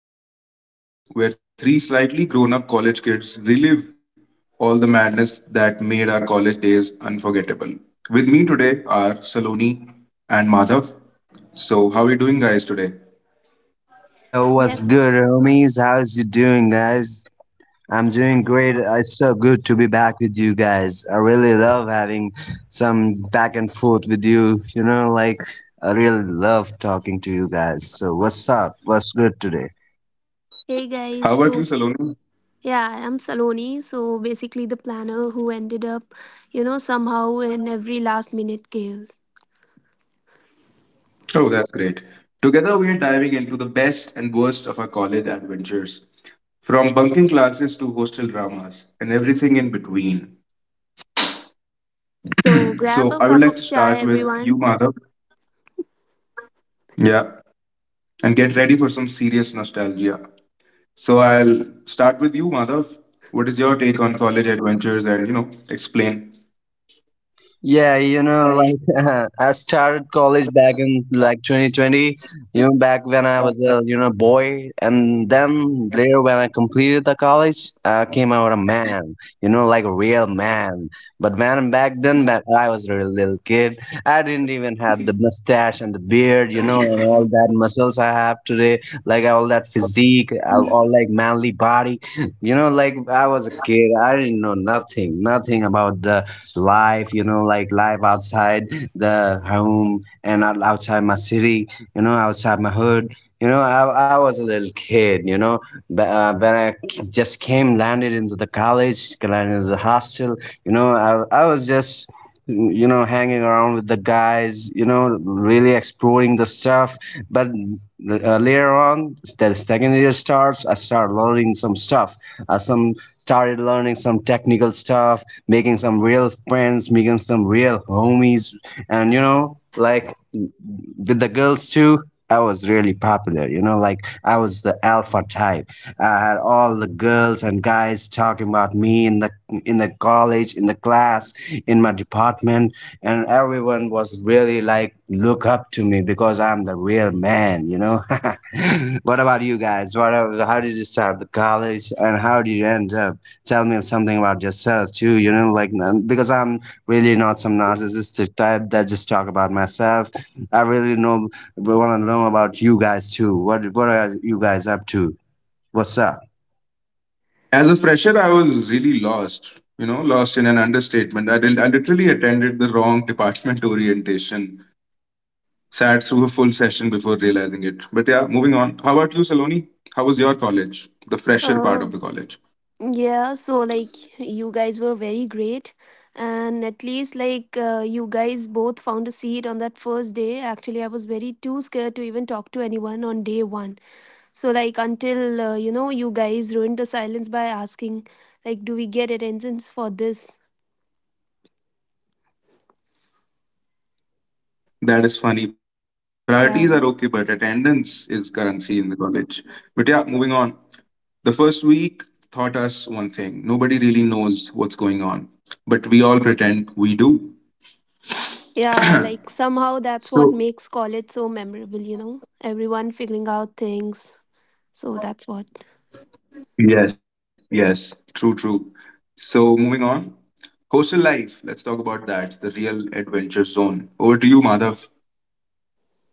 To the College Chronicles, where three slightly grown up college kids relive all the madness that made our college days unforgettable. With me today are Saloni and Madhav. So, how are you doing, guys, today? Yo, Yep. what's good, homies? How's you doing, guys? I'm doing great. It's so good to be back with you guys. I really love having some back and forth with you. You know, like I really love talking to you guys. So, what's up? What's good today? Hey guys. How about you, Saloni? I'm Saloni. So basically the planner who ended up, somehow in every last minute chaos. Oh, that's great. Together, we are diving into the best and worst of our college adventures, from bunking classes to hostel dramas and everything in between. So So, I would grab like a to cup of start with chai, you, everyone. Madhav. Yeah, and get ready for some serious nostalgia. So I'll start with you, Madhav. What is your take on college adventures and, you know, explain? Yeah, you know, like I started college back in like 2020, back when I was a, boy. And then later when I completed the college, I came out a man, like a real man. But when back then, back, I was a little kid. I didn't even have the mustache and the beard, and all that muscles I have today, like all that physique, all, like manly body. I was a kid. I didn't know nothing about the life, life outside the home and outside my city, outside my hood. I was a little kid, but when just came, landed into the college, landed into the hostel, I was just, hanging around with the guys, really exploring the stuff. But later on, the second year starts, I start learning some stuff some Started learning some technical stuff, making some real friends, making some real homies, and with the girls too. I was really popular, I was the alpha type. I had all the girls and guys talking about me in the college, in the class, in my department, and everyone was really like look up to me because I'm the real man, what about you guys? What How did you start the college and how did you end up? Tell me something about yourself too, because I'm really not some narcissistic type that just talk about myself. I really know. We want to know about you guys too. What are you guys up to? What's up? As a fresher, I was really lost, you know, lost in an understatement. I, did, I literally attended the wrong department orientation, sat through a full session before realizing it. But yeah, moving on. How about you, Saloni? How was your college, the fresher part Uh of the college? yeah, so like you guys were very great. And at least you guys both found a seat on that first day. Actually, I was very too scared to even talk to anyone on day one. So like until you guys ruined the silence by asking, like, do we get attendance for this? That is funny. Priorities are okay, Yeah. but attendance is currency in the college. But yeah, moving on. The first week taught us one thing, nobody really knows what's going on, but we all pretend we do. Yeah, like somehow that's what So, makes college so memorable, you know? Everyone figuring out things. So that's what. yes, yes, true, true. So, moving on. Hostel life, let's talk about that, the real adventure zone. Over to you, Madhav.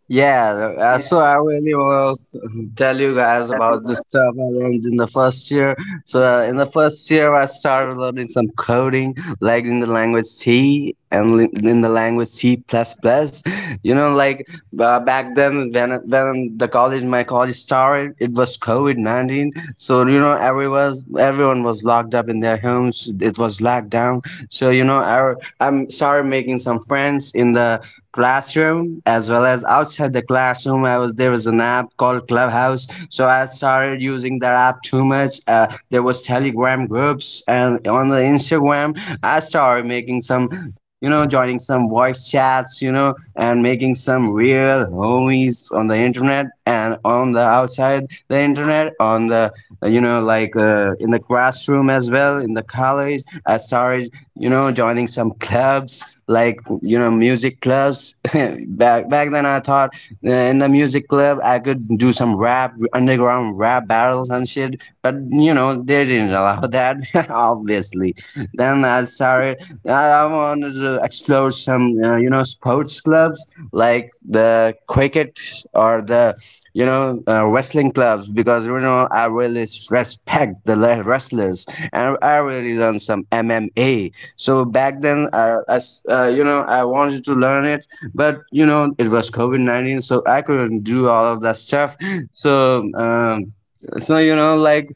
Yeah, so I really want to tell you guys about the stuff I learned in the first year. In the first year, I started learning some coding, like in the language C and in the language C++. Plus plus. You know, like back then when the college my college started, it was COVID-19. So you know, everyone was locked up in their homes. It was locked down. So I started making some friends in the classroom as well as outside the classroom. I was There was an app called Clubhouse, so I started using that app too much. There was Telegram groups, and on the Instagram I started making some, joining some voice chats, and making some real homies on the internet and on the outside the internet, on the, in the classroom as well, in the college. I started, joining some clubs like music clubs. Back then, I thought in the music club I could do some rap, underground rap battles and shit. But you know they didn't allow that, obviously. Then I started. I wanted to explore some sports clubs like the cricket or the, wrestling clubs, because you know I really respect the wrestlers, and I really learned some MMA. So back then, I s- you know, I wanted to learn it, but you know, it was COVID-19, so I couldn't do all of that stuff. So, um, so you know, like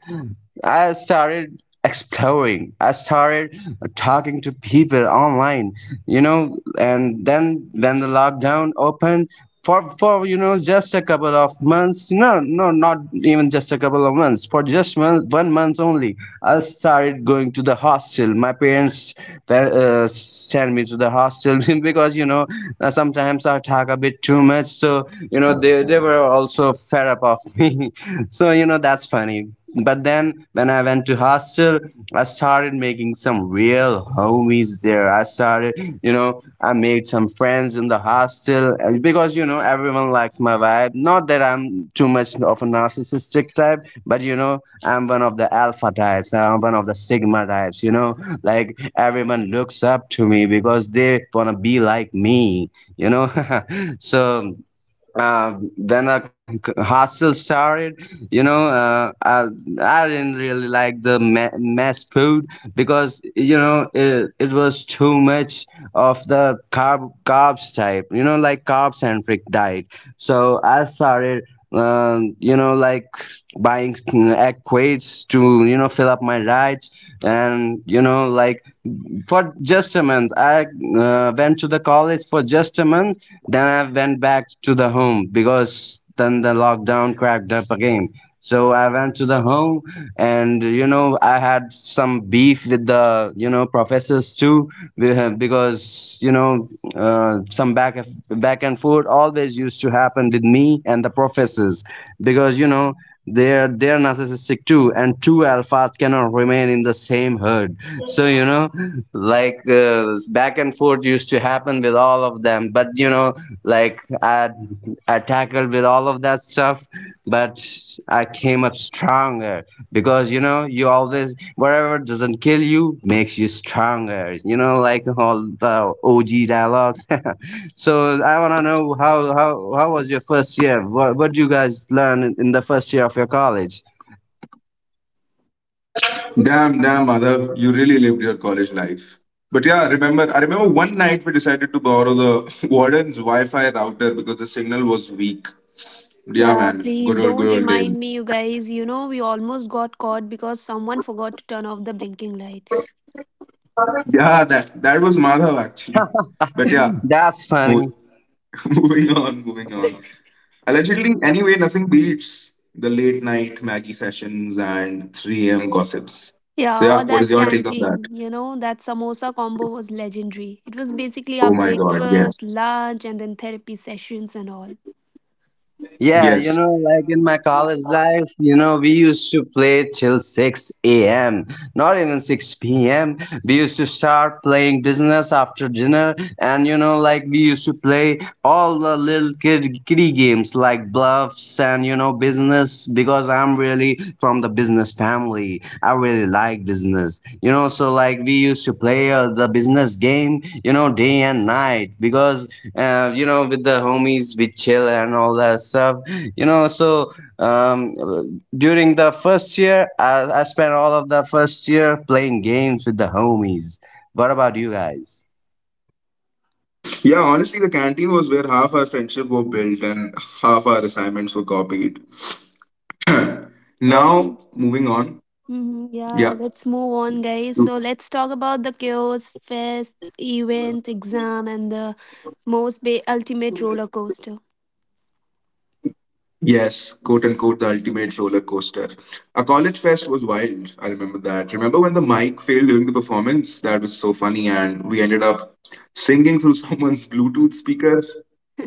I started exploring. I started talking to people online, you know, and then when the lockdown opened for you know just a couple of months, no, not even just a couple of months, for just 1 month only, I started going to the hostel. My parents, sent me to the hostel because sometimes I talk a bit too much, so you know they were also fed up of me. So you know, that's funny. But then when I went to hostel, I started making some real homies there. I started, I made some friends in the hostel, because you know everyone likes my vibe. Not that I'm too much of a narcissistic type, but you know I'm one of the alpha types, I'm one of the sigma types, you know, like everyone looks up to me because they want to be like me, you know. So then a c- c- hostel started, you know uh, I, I didn't really like the mess food because you know it was too much of the carbs type, you know, like carb centric diet. So I started, um, you know like buying egg crates to you know fill up my diet. And you know, like for just a month, I went to the college for just a month. Then I went back to the home because then the lockdown cracked up again. So I went to the home, and you know I had some beef with the you know professors too, because you know some back and forth always used to happen with me and the professors, because you know they're narcissistic too, and two alphas cannot remain in the same herd, so you know, like back and forth used to happen with all of them. But you know, like I tackled with all of that stuff, but I came up stronger because you know, you always, whatever doesn't kill you makes you stronger, you know, like all the OG dialogues. So I want to know how was your first year? What do you guys learn in the first year of your college? Damn, damn, Madhav, you really lived your college life. But yeah, remember, I remember one night we decided to borrow the warden's Wi-Fi router because the signal was weak. Yeah, Yeah, man, please good don't old day. remind me, you guys. You know, we almost got caught because someone forgot to turn off the blinking light. Yeah, that that was Madhav actually. But yeah, That's funny. mo- moving on, moving on. Allegedly, anyway, nothing beats the late night Maggie sessions and 3 a.m. gossips. So Yeah, yeah, or what is that your take on that? canteen, you know, that samosa combo was legendary. It was basically our Oh my God, yes, breakfast, lunch, and then therapy sessions and all. Yes. In my college life, you know, we used to play till 6 a.m., not even 6 p.m. We used to start playing business after dinner, and you know, like we used to play all the little kid kiddie games like bluffs, and you know, business, because I'm really from the business family. I really like business, you know, so like we used to play the business game, you know, day and night. Because you know, with the homies, we chill and all that stuff, you know. Um, During the first year, I spent all of the first year playing games with the homies. What about you guys? Yeah, honestly, the canteen was where half our friendship were built and half our assignments were copied. Now, Okay. moving on. Yeah. Yeah, let's move on, guys. So let's talk about the chaos, fests, event, exam, and the ultimate roller coaster. Yes, quote unquote, the ultimate roller coaster. A college fest was wild. I remember that. Remember when the mic failed during the performance? That was so funny, and we ended up singing through someone's Bluetooth speaker.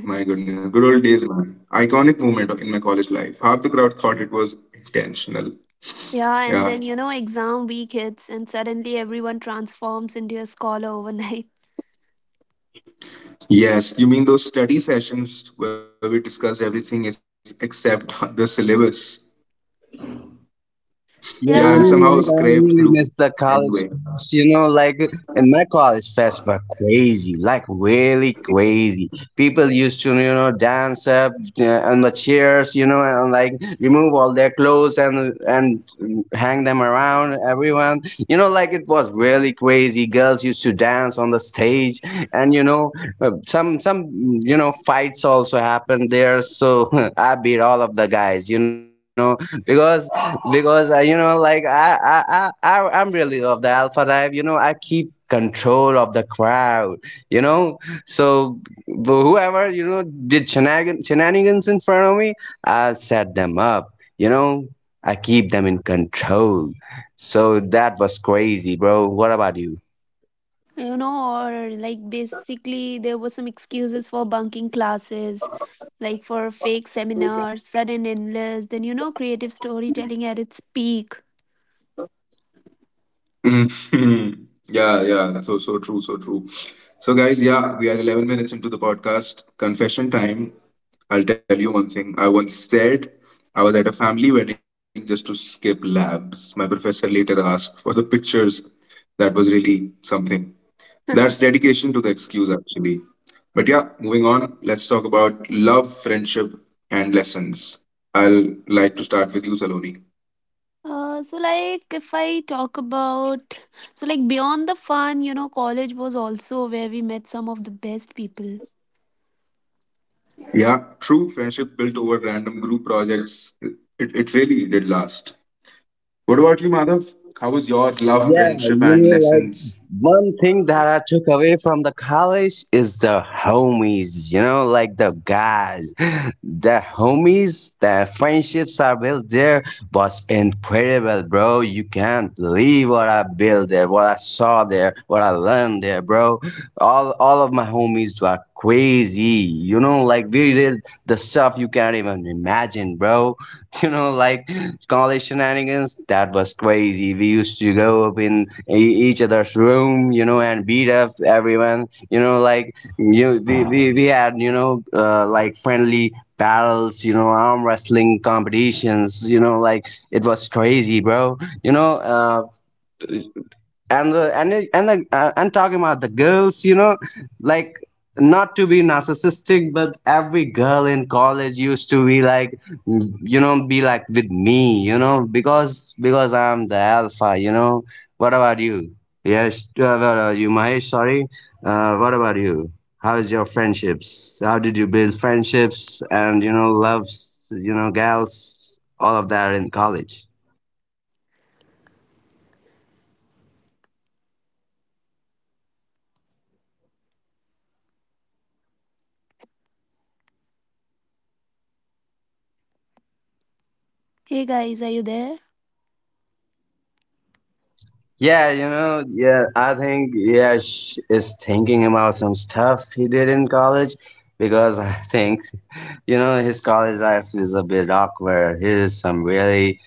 My goodness, good old days, man. Iconic moment in my college life. Half the crowd thought it was intentional. Yeah, and Yeah, then you know, exam week hits, and suddenly everyone transforms into a scholar overnight. yes, you mean those study sessions where we discuss everything is except the syllabus. Yeah, and Yeah, somehow you Yeah, know, like scrape like, I through really miss the anyway. college fest. You know, like in my college fest were crazy, like really crazy. People used to, you know, dance up on the chairs, you know, and like remove all their clothes and hang them around everyone. You know, like it was really crazy. Girls used to dance on the stage, and you know, some you know fights also happened there. So I beat all of the guys, you know, because you know like I'm really of the alpha type, you know, I keep control of the crowd, you know. So whoever you know did shenanigans in front of me, I set them up, you know, I keep them in control. So that was crazy, bro. What about you? you know, or like basically there were some excuses for bunking classes, like for fake seminars, sudden endless, then you know, creative storytelling at its peak. Mhm. Yeah, yeah. So so true, so true. So guys, yeah, we are 11 minutes into the podcast. Confession time. I'll tell you one thing. I once said I was at a family wedding just to skip labs. My professor later asked for the pictures. That was really something. That's dedication to the excuse, actually. But yeah, moving on, let's talk about love, friendship, and lessons. I'll like to start with you, Saloni. So like if I talk about, so like beyond the fun, you know, college was also where we met some of the best people. Yeah, true friendship built over random group projects. It really did last. What about you, Madhav? How was your love, Yeah, you friendship, and know, like lessons? One thing that I took away from the college is the homies, you know, like the guys. The homies, the friendships I built there was incredible, bro. You can't believe what I built there, what I saw there, what I learned there, bro. All of my homies were crazy, you know, like we did the stuff you can't even imagine, bro. You know, like college shenanigans. That was crazy. We used to go up in each other's room, you know, and beat up everyone. You know, like we had, you know, like friendly battles, you know, arm wrestling competitions. You know, like it was crazy, bro. You know, uh, and the and it- and the, and talking about the girls, you know, like not to be narcissistic, but every girl in college used to be like, you know, be like with me, you know, because I'm the alpha, you know. What about you? Mahesh, sorry. What about you? How is your friendships? How did you build friendships and you know loves, you know, gals, all of that in college? Hey guys, are you there? I think, yeah, sh is thinking about some stuff he did in college because I think, you know, his college life is a bit awkward. Here's some really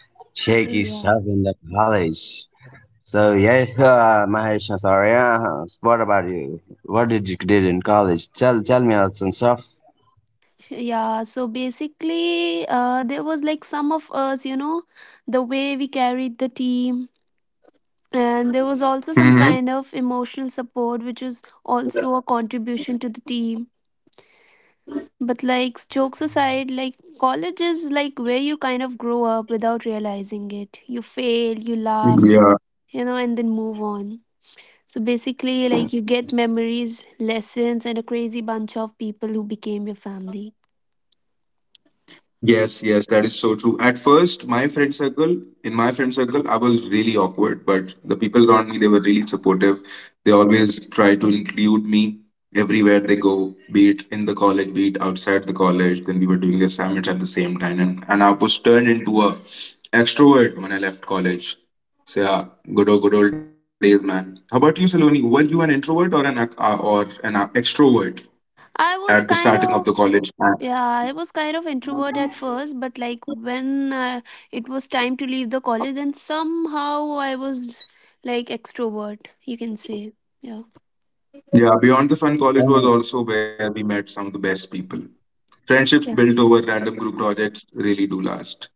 shaky stuff Yeah. in the college. So yeah, Mahesh Nasaria, what about you? What did you did in college? Tell me about some stuff. Yeah, so basically, there was like some of us, you know, the way we carried the team, and there was also some kind of emotional support, which was also a contribution to the team. But like jokes aside, like college is like where you kind of grow up without realizing it. You fail, you laugh, Mm-hmm. you know, and then move on. So basically, like you get memories, lessons, and a crazy bunch of people who became your family. Yes, yes, that is so true. At first, my friend circle, in my friend circle, I was really awkward, but the people around me, they were really supportive. They always try to include me everywhere they go, be it in the college, be it outside the college. Then we were doing the assignments at the same time, and I was turned into a extrovert when I left college. So yeah, good old days, man. How about you, Saloni? Were you an introvert or an or an extrovert I at the was starting of kind the of, college? yeah, I was kind of introvert at first, but like when it was time to leave the college, then somehow I was like extrovert, you can say. Yeah. Yeah, Beyond the Fun College was also where we met some of the best people. Friendships Yeah, built over random group projects really do last.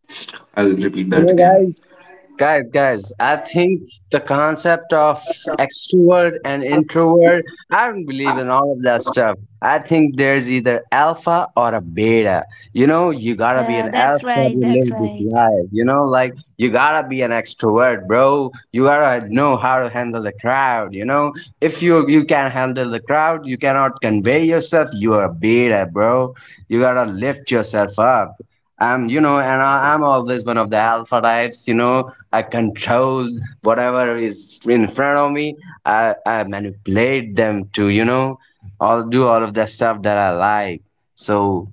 I'll repeat You that know, again. guys, I think the concept of extrovert and introvert, I don't believe in all of that stuff. I think there's either alpha or a beta. You know, you gotta be yeah, an that's alpha right. to That's live this right. life. You know, like you gotta be an extrovert, bro. You gotta know how to handle the crowd. You know, if you can't handle the crowd, you cannot convey yourself. You are a beta, bro. You gotta lift yourself up. I'm, you know, and I, I'm always one of the alpha types. You know, I control whatever is in front of me. I manipulate them to, you know, all do all of the stuff that I like. So,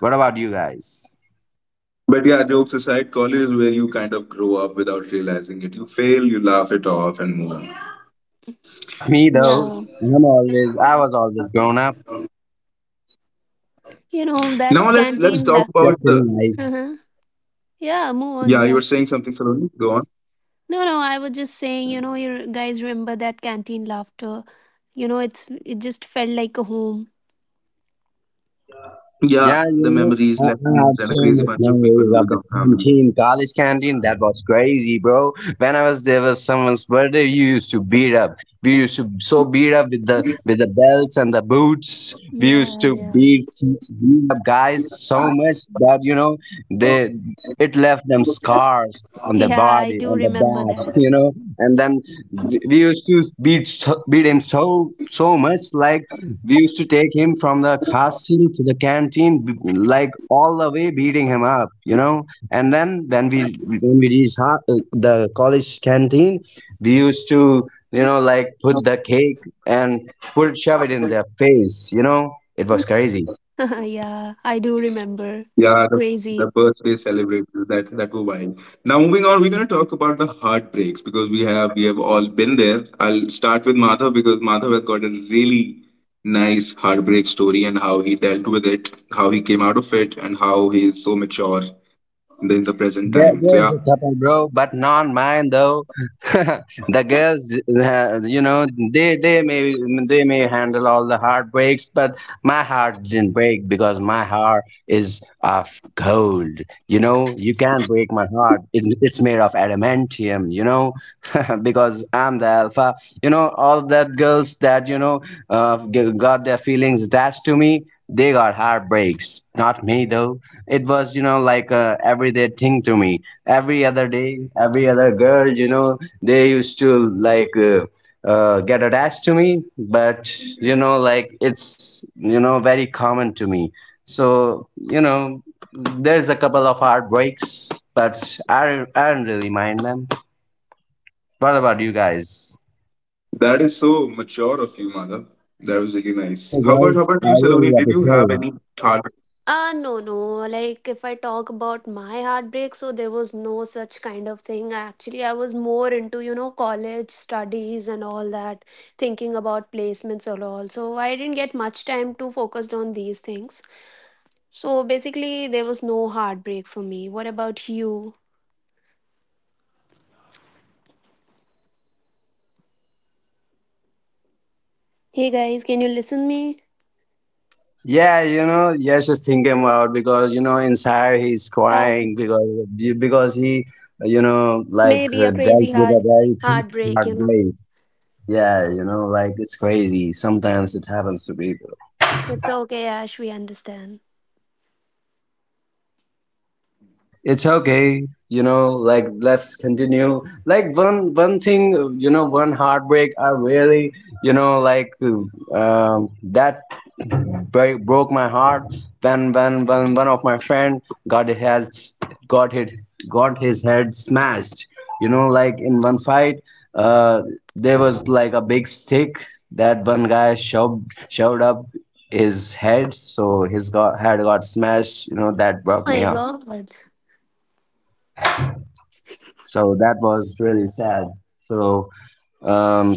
what about you guys? But yeah, jokes aside, college is where you kind of grow up without realizing it. You fail, you laugh it off, and move on. Not me though. Yeah, I'm always. I was always grown up. you know that Now let's let's canteen la. talk Just about the. kidding. Uh-huh. Yeah, move on. Yeah, you Yeah. were saying something, Saloni. Go on. No, no, I was just saying. You know, you guys remember that canteen laughter? It just felt like a home. Yeah, Yeah, the you memories, know, I lessons, I and a had so crazy bunch much of people who memories become of the family. canteen, college canteen. That was crazy, bro. When I was there, was someone's birthday. You used to beat up. We used to so beat up with the belts and the boots. We used Yeah, to yeah, beat up guys so much that you know they it left them scars on the yeah. I body, do on the remember backs, that. you know. And then we used to beat beat him so much, like we used to take him from the hostel to the canteen, like all the way beating him up, you know. And then when we reached the college canteen, we used to you know like put the cake and put shove it in their face, you know. It was crazy. Yeah, I do remember. It Yeah, was the crazy. birthday celebrations that that were wild. Now moving on, we're gonna talk about the heartbreaks because we have all been there. I'll start with Madhav because Madhav has got a really nice heartbreak story and how he dealt with it, how he came out of it, and how he is so mature in the present There, time. So yeah, there's a couple, bro, but not mine though. the girls, you know, they they may they may handle all the heartbreaks, but my heart didn't break because my heart is of gold. You know, you can't break my heart. It's made of adamantium. You know, because I'm the alpha. You know, all that girls that you know got their feelings attached to me. They got heartbreaks, not me though. It was you know like a everyday thing to me, every other day every other girl, you know, they used to like get attached to me, but you know like it's you know very common to me. So you know there's a couple of heartbreaks, but I don't really mind them. What about you guys? that is so mature of you, Madhav. That was really Thank nice. you, girl. How about you, I really Saloni? Did you have appreciate it. any? No, no. Like, if I talk about my heartbreak, so there was no such kind of thing. Actually, I was more into, you know, college studies and all that, thinking about placements and all. So I didn't get much time to focus on these things. So basically, there was no heartbreak for me. What about you? Hey guys, can you listen me? Yeah, you know, yes, just thinking about because you know inside he's Okay. crying because he you know like Maybe a dealt crazy with a very heartbreak, you hard know. day. Yeah, you know, like it's crazy. Sometimes it happens to people. It's okay, Ash. We understand. It's okay, you know, like let's continue. Like one thing, you know, one heartbreak I really, you know, like that very broke my heart when when one of my friend got has got hit, got his head smashed, you know, like in one fight. uh there was like a big stick that one guy shoved up his head, so his head got smashed, you know, that broke My me up. God. So that was really sad. So, um,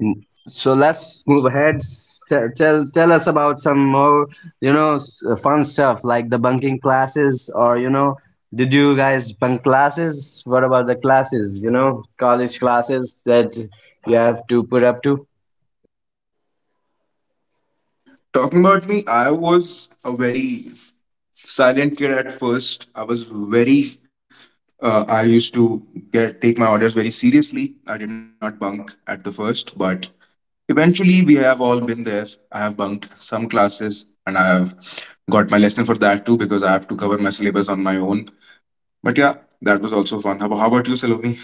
so let's move ahead. Tell, tell us about some more, you know, fun stuff like the bunking classes, or you know, did you guys bunk classes? What about the classes? You know, college classes that you have to put up to. Talking about me, I was a very silent kid at first. I was very, I used to get take my orders very seriously. I did not bunk at the first, but eventually we have all been there. I have bunked some classes and I have got my lesson for that too because I have to cover my syllabus on my own. But yeah, that was also fun. How about you, Salome?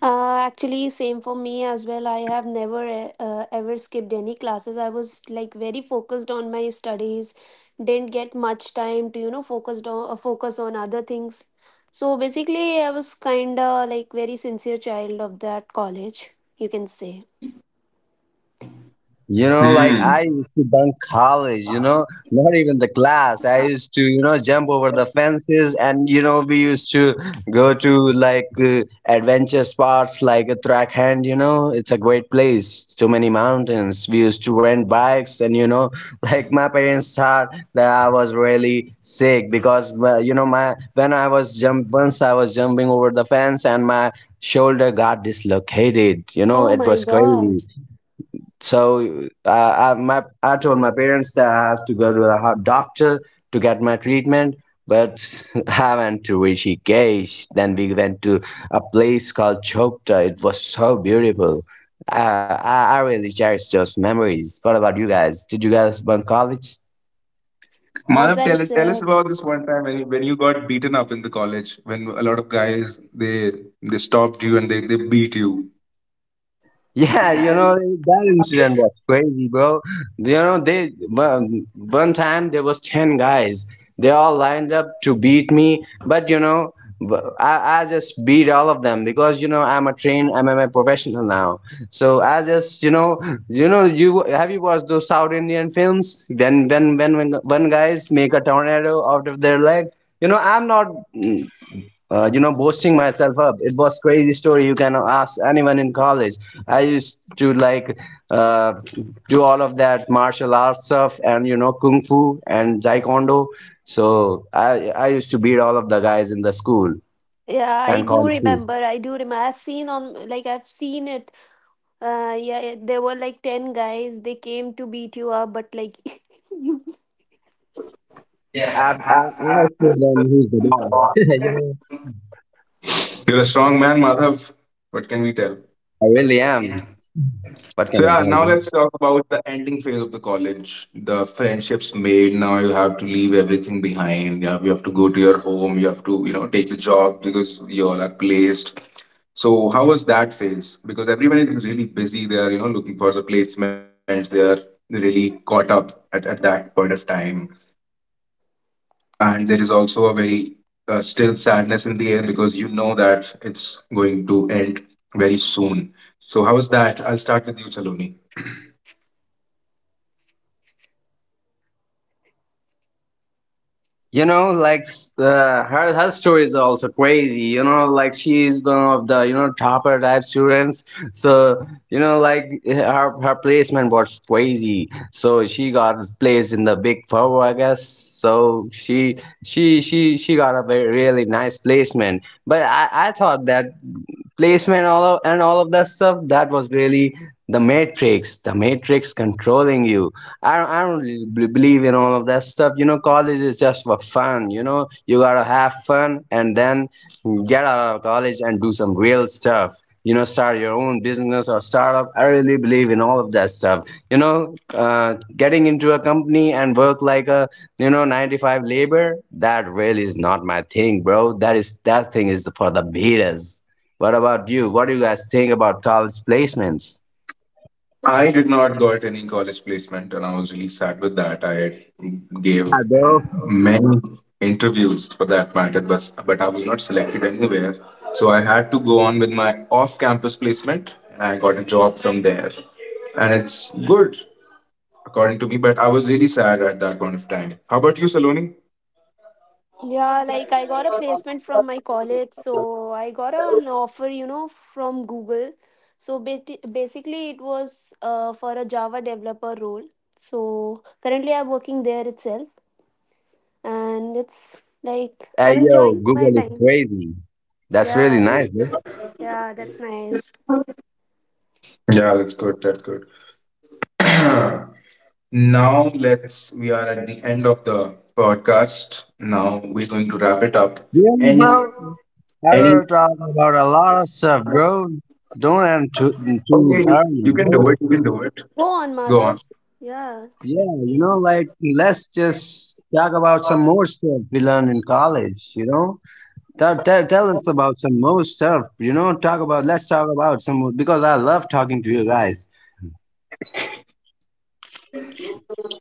Actually, same for me as well. I have never ever skipped any classes. I was like very focused on my studies, didn't get much time to focus on other things. So basically, I was kind of like very sincere child of that college, you can say. You know, Hmm. like I used to bunk college, you know, not even the class. I used to, you know, jump over the fences and, you know, we used to go to like adventure spots like a track hand, you know, it's a great place. So many mountains. We used to rent bikes and, you know, like my parents thought that I was really sick because, you know, my when I was jump once I was jumping over the fence and my shoulder got dislocated, you know, Oh it my was crazy. God. So I told my parents that I have to go to a doctor to get my treatment, but I went to Rishikesh. Then we went to a place called Chopta. It was so beautiful. Uh, I really cherish those memories. What about you guys? Did you guys bunk college? As Madhav, I tell us said, about this one time when you got beaten up in the college when a lot of guys they stopped you and they beat you. Yeah, you know that incident was crazy, bro. You know they one time there was ten guys. They all lined up to beat me, but you know I just beat all of them because you know I'm a trained MMA professional now. So I just you know you know you have you watched those South Indian films when when one guys make a tornado out of their leg. You know I'm not you know, boasting myself up. It was crazy story. You can ask anyone in college. I used to like uh, do all of that martial arts stuff and you know kung fu and taekwondo. So I used to beat all of the guys in the school yeah, I and do college too. remember. I do remember. I've seen on, like, I've seen it. Yeah, it- there were like 10 guys. They came to beat you up, but like, you. Yeah, I still learn who's the boss. You're You know, a strong man, Madhav. What can we tell? I really am. What can So I yeah, tell now you? let's talk about the ending phase of the college. The friendships made. Now you have to leave everything behind. You have to go to your home. You have to you know take the job because you all are placed. So how was that phase? Because everyone is really busy. They are you know looking for the placements. They are really caught up at that point of time. And there is also a very still sadness in the air because you know that it's going to end very soon. So how was that? I'll start with you, Saloni. You know, like her her story is also crazy. You know, like she is one of the you know topper type students. So you know, like her placement was crazy. So she got placed in the big four, I guess. So she she got a very really nice placement. But I thought that placement all of, and all of that stuff that was really the matrix, the matrix controlling you. I don't really believe in all of that stuff. You know, college is just for fun. You know, you gotta have fun and then get out of college and do some real stuff. You know, start your own business or startup. I really believe in all of that stuff. You know, getting into a company and work like a you know 95 labor. That really is not my thing, bro. That is that thing is for the beaters. What about you? What do you guys think about college placements? I did not got any college placement, and I was really sad with that. I gave Yeah, bro. many interviews for that matter, but I was not selected anywhere. So I had to go on with my off-campus placement, and I got a job from there, and it's good according to me. But I was really sad at that point of time. How about you, Saloni? Yeah, like I got a placement from my college, so I got an offer, you know, from Google. So basically, it was for a Java developer role. So currently, I'm working there itself, and it's like Hey I'm yo, enjoying my Google is time. crazy. That's really Yeah, nice, it's, bro. yeah, that's nice. Yeah, that's good. That's good. Now let's we are at the end of the podcast. Now we're going to wrap it up. Really, Any? bro? I Any? were talking about a lot of stuff, bro. Don't end too Okay, you early, you can do bro. it. You can do it. Go on, Go on. Madhav. Yeah. Yeah, you Please. know, like let's just talk about some more stuff we learned in college. You know, tell us about some more stuff. You know, talk about, let's talk about some more because I love talking to you guys.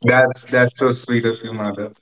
That's so sweet of you, mother.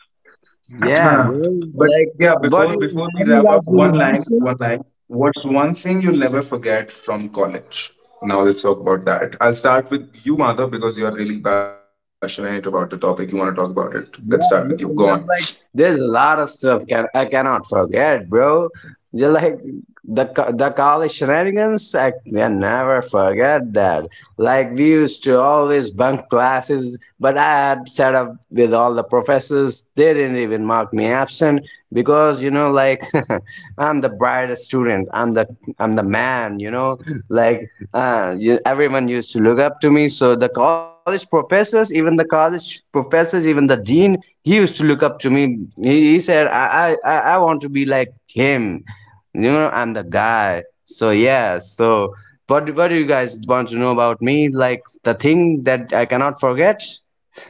Yeah, bro. But Like, yeah, before what do you, before we have you wrap up, guys been one in line, hostel? one line. What's one thing you'll never forget from college? Now let's talk about that. I'll start with you, mother, because you are really passionate about the topic. You want to talk about it. Let's start with you. Yeah, Go on. yeah, you know, like there's a lot of stuff can I cannot forget, bro. Yeah, like the college shenanigans, I can never forget that. Like we used to always bunk classes, but I had set up with all the professors. They didn't even mark me absent because you know, like I'm the brightest student. I'm the man. You know, like you, everyone used to look up to me. So even the college professors, even the dean, he used to look up to me. He said, I want to be like him, you know, I'm the guy. So yeah, so what do you guys want to know about me? Like the thing that I cannot forget?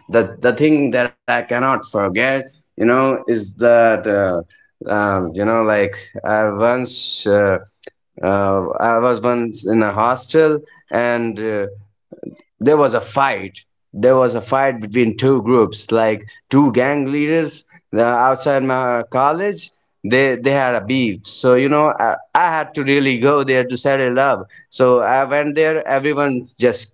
The thing that I cannot forget, you know, is that you know, like I once I was once in a hostel and there was a fight, there was a fight between two groups like two gang leaders outside my college. They had a beef, so you know, I had to really go there to settle up. So I went there, everyone just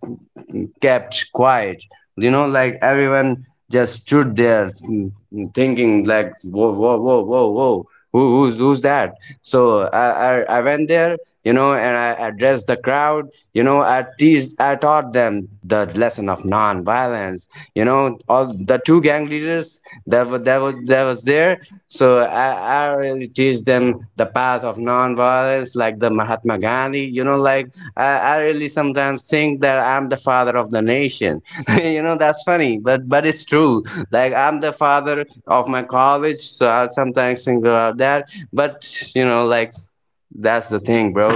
kept quiet. You know, like everyone just stood there, thinking like whoa whoa whoa whoa whoa who's that. So I went there, you know, and I addressed the crowd, you know, I teased, I taught them the lesson of non-violence, you know, all the two gang leaders that were, that was there. So I really teach them the path of non-violence, like the Mahatma Gandhi, you know, like I really sometimes think that I'm the father of the nation. You know, that's funny, but it's true. Like I'm the father of my college. So I sometimes think about that, but you know, like, that's the thing, bro.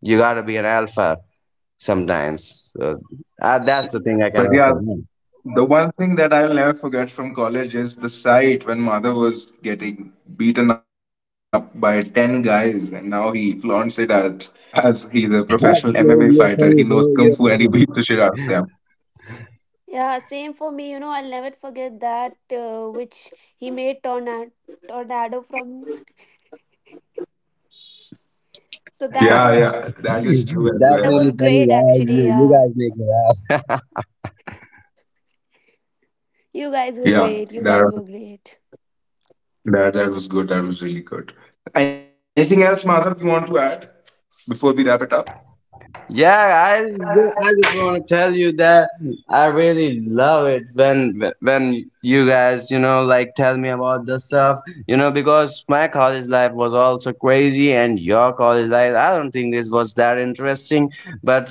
You gotta be an alpha sometimes. So, that's the thing I But cannot yeah, comment. the one thing that I'll never forget from college is the sight when Madhav was getting beaten up by 10 guys, and now he flaunts it at, as he's a professional That's MMA fighter. He really, knows you're Kung funny, Fu and he bro. You're beats the shit funny. out of them. Yeah, same for me. You know, I'll never forget that which he made tornado, tornado from. So that Yeah, was. yeah, that is true as That's That was really well. funny, great, guys. actually. You Yeah, guys make me laugh. you guys were Yeah, great. You guys were great. that, that was good. That was really good. Anything else, Madhav, you want to add before we wrap it up? Yeah, I just want to tell you that I really love it when you guys you know like tell me about the stuff, you know, because my college life was also crazy and your college life I don't think it was that interesting, but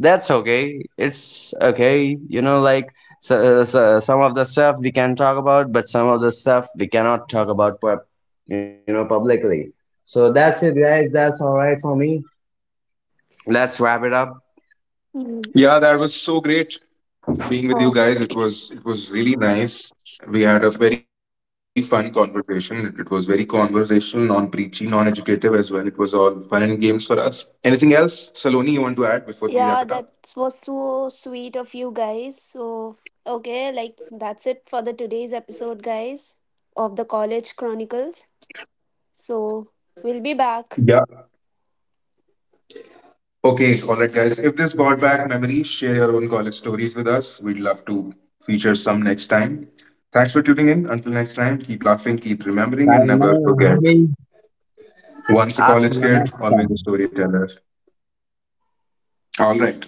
that's okay, it's okay, you know, like. So, some of the stuff we can talk about, but some of the stuff we cannot talk about you know publicly. So that's it guys, that's all right for me, let's wrap it up. Mm. Yeah, that was so great being with you Oh, guys. It was really nice. We had a very fun conversation. It was very conversational, non-preachy, non-educative as well. It was all fun and games for us. Anything else, Saloni, you want to add before we wrap it up? yeah, that was so sweet of you guys. So, okay, like that's it for the today's episode, guys, of the College Chronicles. So, we'll be Yeah. back. Okay, all right, guys. If this brought back memories, share your own college stories with us. We'd love to feature some next time. Thanks for tuning in. Until next time, keep laughing, keep remembering, and never Sayonara, forget. homie. Once a college Hasta la kid, always vista. a storyteller. All right.